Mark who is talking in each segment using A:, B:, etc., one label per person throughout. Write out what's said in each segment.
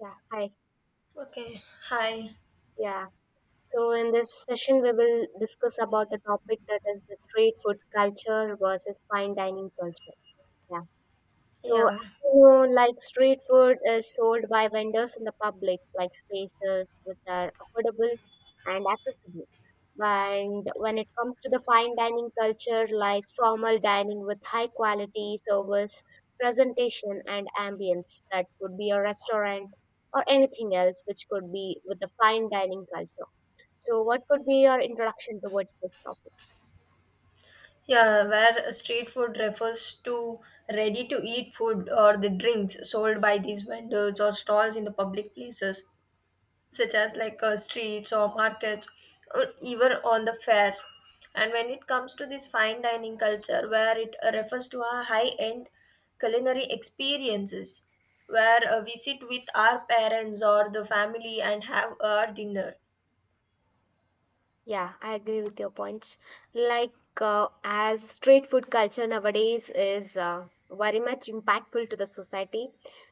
A: Yeah, hi.
B: Okay, hi.
A: Yeah. So in this session, we will discuss about the topic that is the street food culture versus fine dining culture. Yeah. So,
B: Yeah.
A: as you know, like street food is sold by vendors in the public, like spaces which are affordable and accessible. And when it comes to the fine dining culture, like formal dining with high quality service, presentation, and ambience, that could be a restaurant or anything else which could be with the fine dining culture. So, what could be your introduction towards this topic?
B: Yeah, where street food refers to ready to eat food or the drinks sold by these vendors or stalls in the public places, such as like streets or markets or even on the fairs. And when it comes to this fine dining culture, where it refers to our high end culinary experiences, where we sit with our parents or the family and have our dinner.
A: Yeah, I agree with your points. Like, as street food culture nowadays is very much impactful to the society.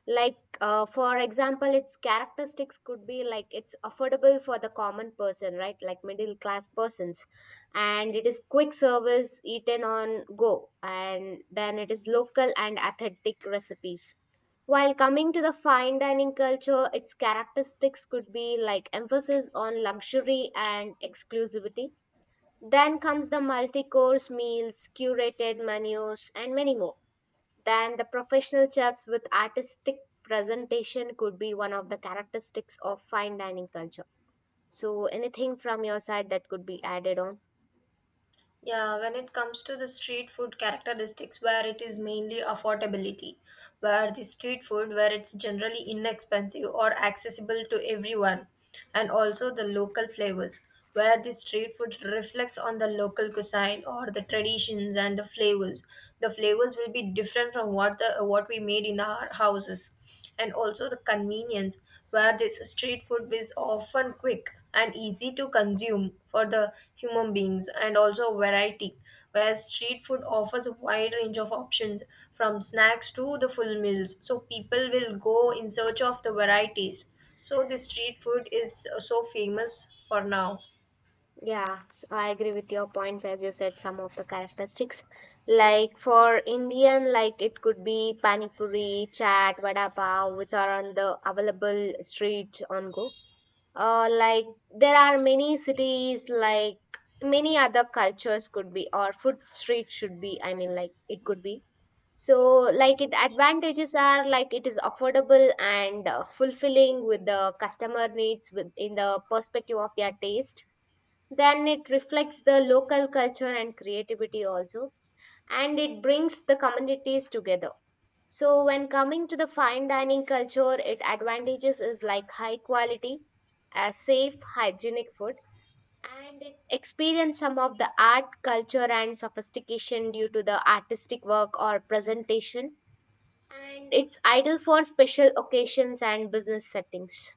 A: Like, for example, its characteristics could be like it's affordable for the common person, right? Like middle class persons. And it is quick service eaten on go. And then it is local and authentic recipes while coming to the fine dining culture, its characteristics could be like emphasis on luxury and exclusivity. Then comes the multi course meals, curated menus, and many more. Then the professional chefs with artistic presentation could be one of the characteristics of fine dining culture. So, anything from your side that could be added on?
B: Yeah, when it comes to the street food characteristics, where it is mainly affordability, where the street food, where it's generally inexpensive or accessible to everyone, and also the local flavors, where the street food reflects on the local cuisine or the traditions and the flavors. The flavors will be different from what the what we made in our houses, and also the convenience where this street food is often quick and easy to consume for the human beings, and also variety where street food offers a wide range of options from snacks to the full meals, so people will go in search of the varieties. So the street food is so famous for now.
A: Yeah, so I agree with your points as you said some of the characteristics. Like for Indian, like it could be pani puri, chaat, vada pav, which are on the available street on go. Like there are many cities, like many other cultures could be, or food street should be. I mean, like it could be. So, like it advantages are like it is affordable and fulfilling with the customer needs with in the perspective of their taste, then it reflects the local culture and creativity also, and it brings the communities together. So when coming to the fine dining culture, it advantages is like high quality, safe hygienic food, and it experience some of the art culture and sophistication due to the artistic work or presentation, and it's ideal for special occasions and business settings.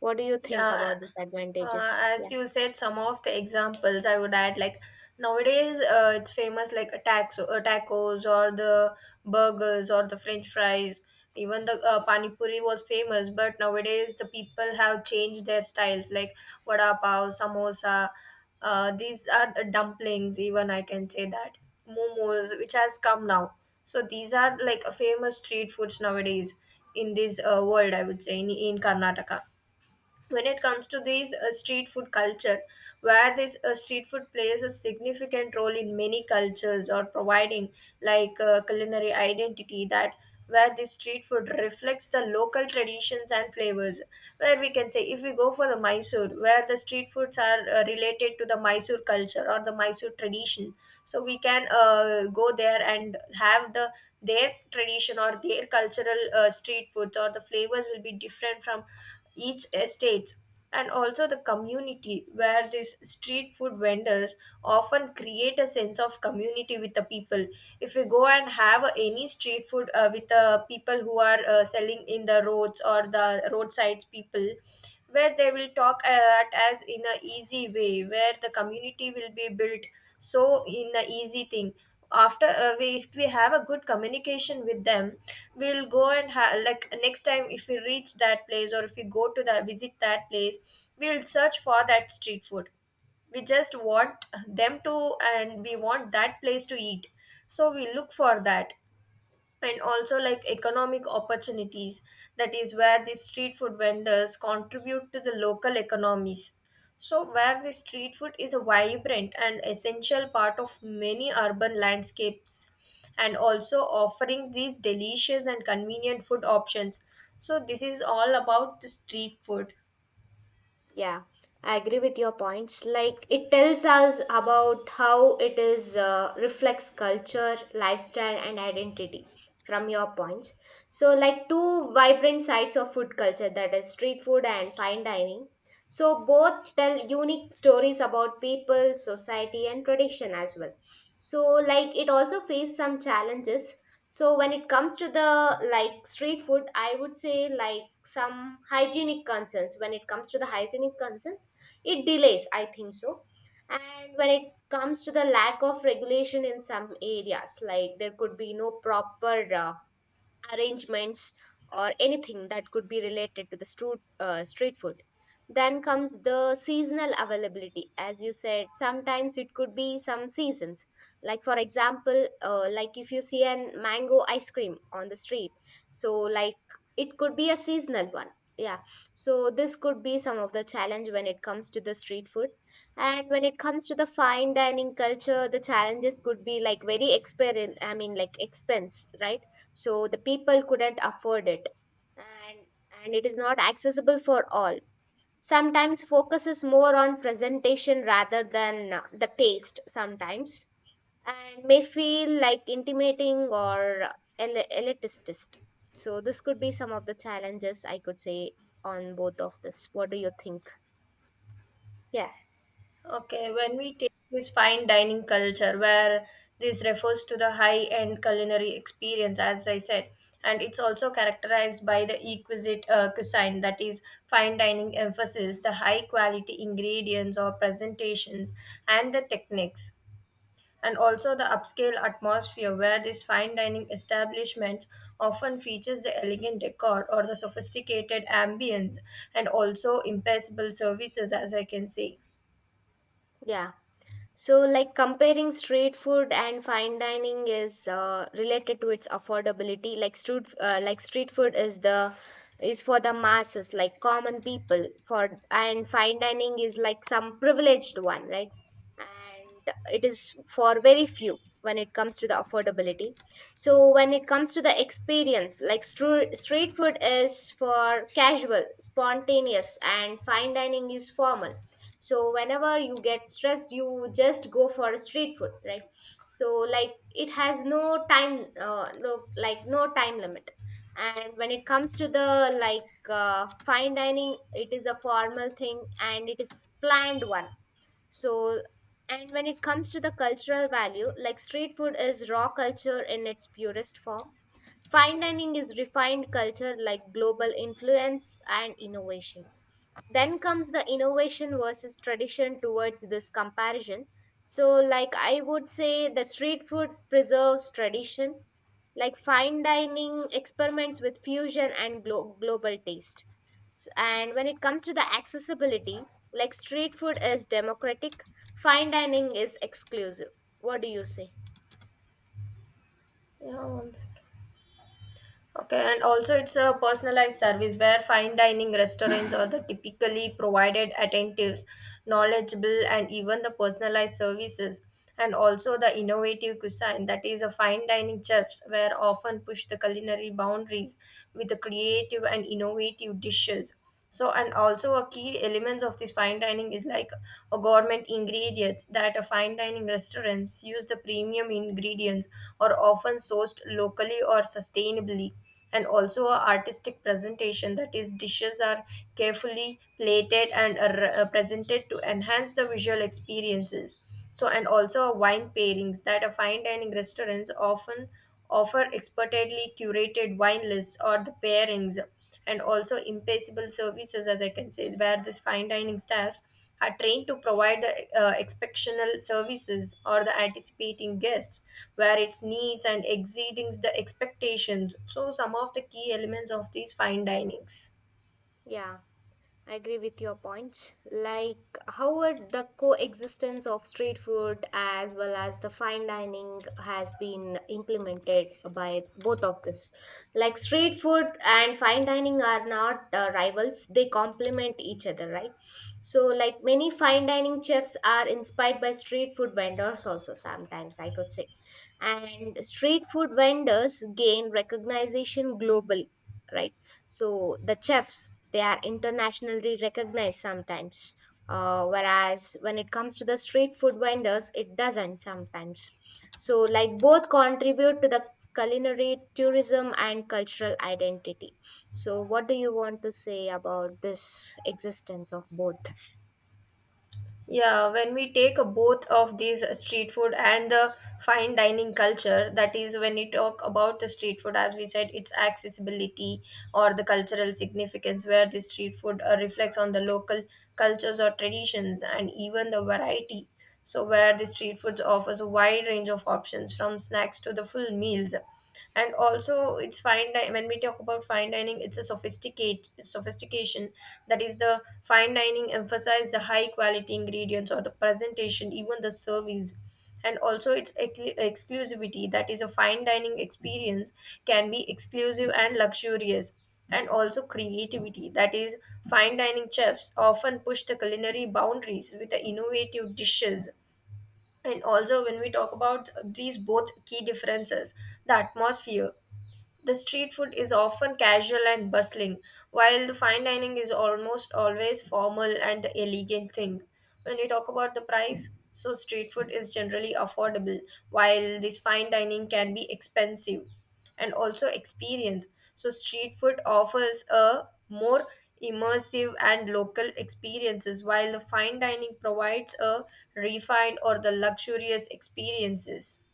A: What do you think
B: Yeah,
A: about these
B: uh,
A: advantages?
B: as
A: Yeah.
B: you said, some of the examples I would add like nowadays it's famous like attacks, tacos or the burgers or the French fries. Even the pani puri was famous, but nowadays the people have changed their styles like vada pav, samosa. These are the dumplings. Even I can say that momos, which has come now. So these are like famous street foods nowadays in this world. I would say in Karnataka, when it comes to these street food culture, where this street food plays a significant role in many cultures, or providing like culinary identity, that where this street food reflects the local traditions and flavors. Where we can say if we go for the Mysore, where the street foods are related to the Mysore culture or the Mysore tradition. So we can go there and have the their tradition or their cultural street foods, or the flavors will be different from each estate. And also the community, where these street food vendors often create a sense of community with the people. If you go and have any street food with the people who are selling in the roads, or the roadside people, where they will talk at as in a easy way, where the community will be built. So in the easy thing, after we, if we have a good communication with them, we'll go and like next time, if we reach that place, or if we go to the visit that place, we'll search for that street food. We just want them to, and we want that place to eat. So we look for that. And also like economic opportunities, that is where the street food vendors contribute to the local economies. So where the street food is a vibrant and essential part of many urban landscapes, and also offering these delicious and convenient food options. So this is all about the street food.
A: Yeah, I agree with your points. Like it tells us about how it is reflects culture, lifestyle, and identity from your points. So, like two vibrant sides of food culture that is street food and fine dining. So, both tell unique stories about people, society, and tradition as well. So, like it also faced some challenges, so when it comes to the like street food, I would say like some hygienic concerns. When it comes to the hygienic concerns, it delays, I think so. And when it comes to the lack of regulation in some areas, like there could be no proper arrangements or anything that could be related to the street food, then comes the seasonal availability as you said sometimes it could be some seasons, like for example like if you see an mango ice cream on the street, so like it could be a seasonal one, yeah. So this could be some of the challenge when it comes to the street food. And when it comes to the fine dining culture, the challenges could be like very exper I mean like expense, right? So the people couldn't afford it, and and it is not accessible for all, sometimes focuses more on presentation rather than the taste sometimes, and may feel like intimating or elitist. So this could be some of the challenges I could say on both of this. What do you think? Yeah.
B: Okay, when we take this fine dining culture, where this refers to the high end culinary experience, as I said, and it's also characterized by the exquisite cuisine, that is, fine dining emphasis, the high quality ingredients or presentations, and the techniques. And also the upscale atmosphere, where these fine dining establishments often features the elegant decor or the sophisticated ambience, and also impeccable services as I can see.
A: Yeah. So, like comparing street food and fine dining is related to its affordability. Like street food is the is for the masses, like common people. For and fine dining is like some privileged one, right? And it is for very few when it comes to the affordability. So when it comes to the experience, like street food is for casual, spontaneous, and fine dining is formal. So whenever you get stressed you just go for a street food, right? So like it has no time, like no time limit. And when it comes to the like fine dining, it is a formal thing and it is planned one. So, and when it comes to the cultural value, like street food is raw culture in its purest form. Fine dining is refined culture like global influence and innovation. Then comes the innovation versus tradition towards this comparison. So, like I would say that street food preserves tradition, like fine dining experiments with fusion and global taste. And when it comes to the accessibility, like street food is democratic, fine dining is exclusive. What do you say?
B: Yeah, one second. Okay, and also it's a personalized service, where fine dining restaurants are the typically provided attentives, knowledgeable, and even the personalized services, and also the innovative cuisine, that is a fine dining chefs where often push the culinary boundaries with the creative and innovative dishes. So and also a key elements of this fine dining is like a government ingredients, that a fine dining restaurants use the premium ingredients, or often sourced locally or sustainably. And also a artistic presentation, that is dishes are carefully plated and are presented to enhance the visual experiences. So and also wine pairings, that a fine dining restaurants often offer expertly curated wine lists or the pairings. And also impeccable services, as I can say, where this fine dining staffs are trained to provide the exceptional services, or the anticipating guests, where its needs and exceeding the expectations. So some of the key elements of these fine dinings.
A: Yeah, I agree with your points. Like, how would the coexistence of street food as well as the fine dining has been implemented by both of this? Like, street food and fine dining are not rivals, they complement each other, right? So, like, many fine dining chefs are inspired by street food vendors, also, sometimes I could say. And street food vendors gain recognition globally, right? So the chefs, they are internationally recognized sometimes. Whereas when it comes to the street food vendors, it doesn't sometimes. So, like, both contribute to the culinary tourism and cultural identity. So, what do you want to say about this existence of both?
B: Yeah, when we take a both of these street food and the fine dining culture, that is when we talk about the street food, as we said, its accessibility or the cultural significance, where the street food reflects on the local cultures or traditions and even the variety. So, where the street foods offers a wide range of options from snacks to the full meals. And also it's when we talk about fine dining, it's a sophisticated sophistication, that is, the fine dining emphasize the high quality ingredients or the presentation, even the service, and also its exclusivity. That is, a fine dining experience can be exclusive and luxurious, and also creativity. That is, fine dining chefs often push the culinary boundaries with the innovative dishes. And also, when we talk about these both key differences, the atmosphere, the street food is often casual and bustling, while the fine dining is almost always formal and the elegant thing. When we talk about the price, so street food is generally affordable, while this fine dining can be expensive, and also experience. So street food offers a more immersive and local experiences, while the fine dining provides a refined or the luxurious experiences.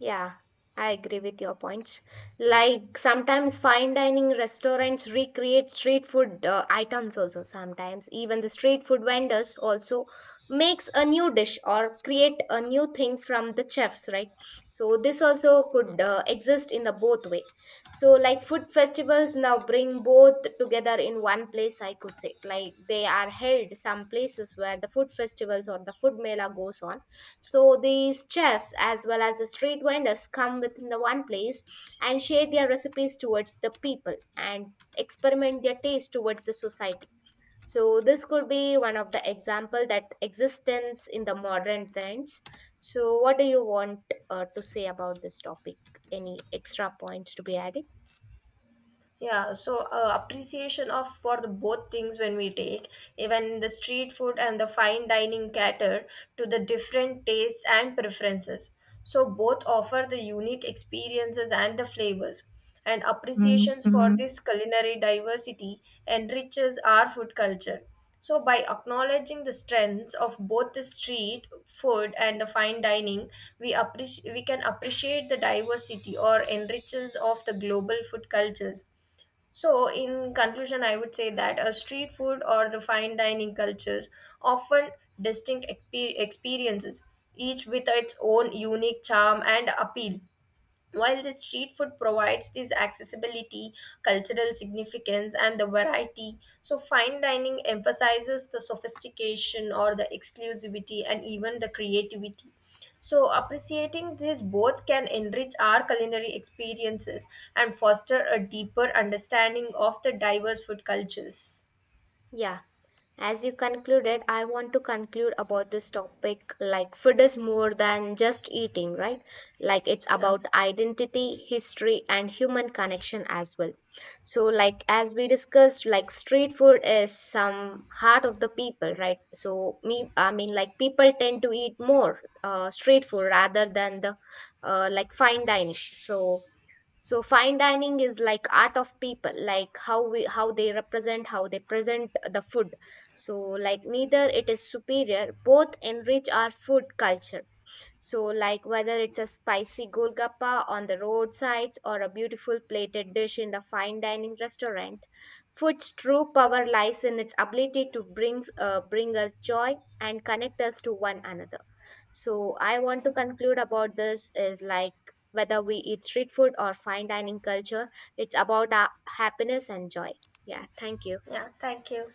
A: Yeah, I agree with your points. Like sometimes fine dining restaurants recreate street food items also sometimes. Even the street food vendors also makes a new dish or create a new thing from the chefs, right? So this also could exist in the both way. So like food festivals now bring both together in one place, I could say. Like they are held some places where the food festivals or the food mela goes on, so these chefs, as well as the street vendors, come within the one place and share their recipes towards the people and experiment their taste towards the society. So this could be one of the example that existence in the modern trends. So what do you want to say about this topic? Any extra points to be added?
B: Yeah, so appreciation of for the both things when we take even the street food and the fine dining cater to the different tastes and preferences. So both offer the unique experiences and the flavors. And appreciations for this culinary diversity enriches our food culture. So by acknowledging the strengths of both the street food and the fine dining, we can appreciate the diversity or enriches of the global food cultures. So, in conclusion, I would say that a street food or the fine dining cultures often distinct experiences, each with its own unique charm and appeal. While the street food provides this accessibility, cultural significance, and the variety, so fine dining emphasizes the sophistication or the exclusivity and even the creativity. So, appreciating this both can enrich our culinary experiences and foster a deeper understanding of the diverse food cultures.
A: Yeah. As you concluded, I want to conclude about this topic. Like, food is more than just eating, right? Like, it's
B: Yeah,
A: about identity, history, and human connection as well. So, like, as we discussed, like, street food is some heart of the people, right? So, like, people tend to eat more street food rather than the like fine dining. So, so fine dining is like art of people, like how they represent, how they present the food. So like neither it is superior, both enrich our food culture. So like whether it's a spicy golgappa on the roadsides or a beautiful plated dish in the fine dining restaurant, food's true power lies in its ability to bring us joy and connect us to one another. So I want to conclude about this is like whether we eat street food or fine dining culture, it's about our happiness and joy. Yeah, thank you.
B: yeah, thank you.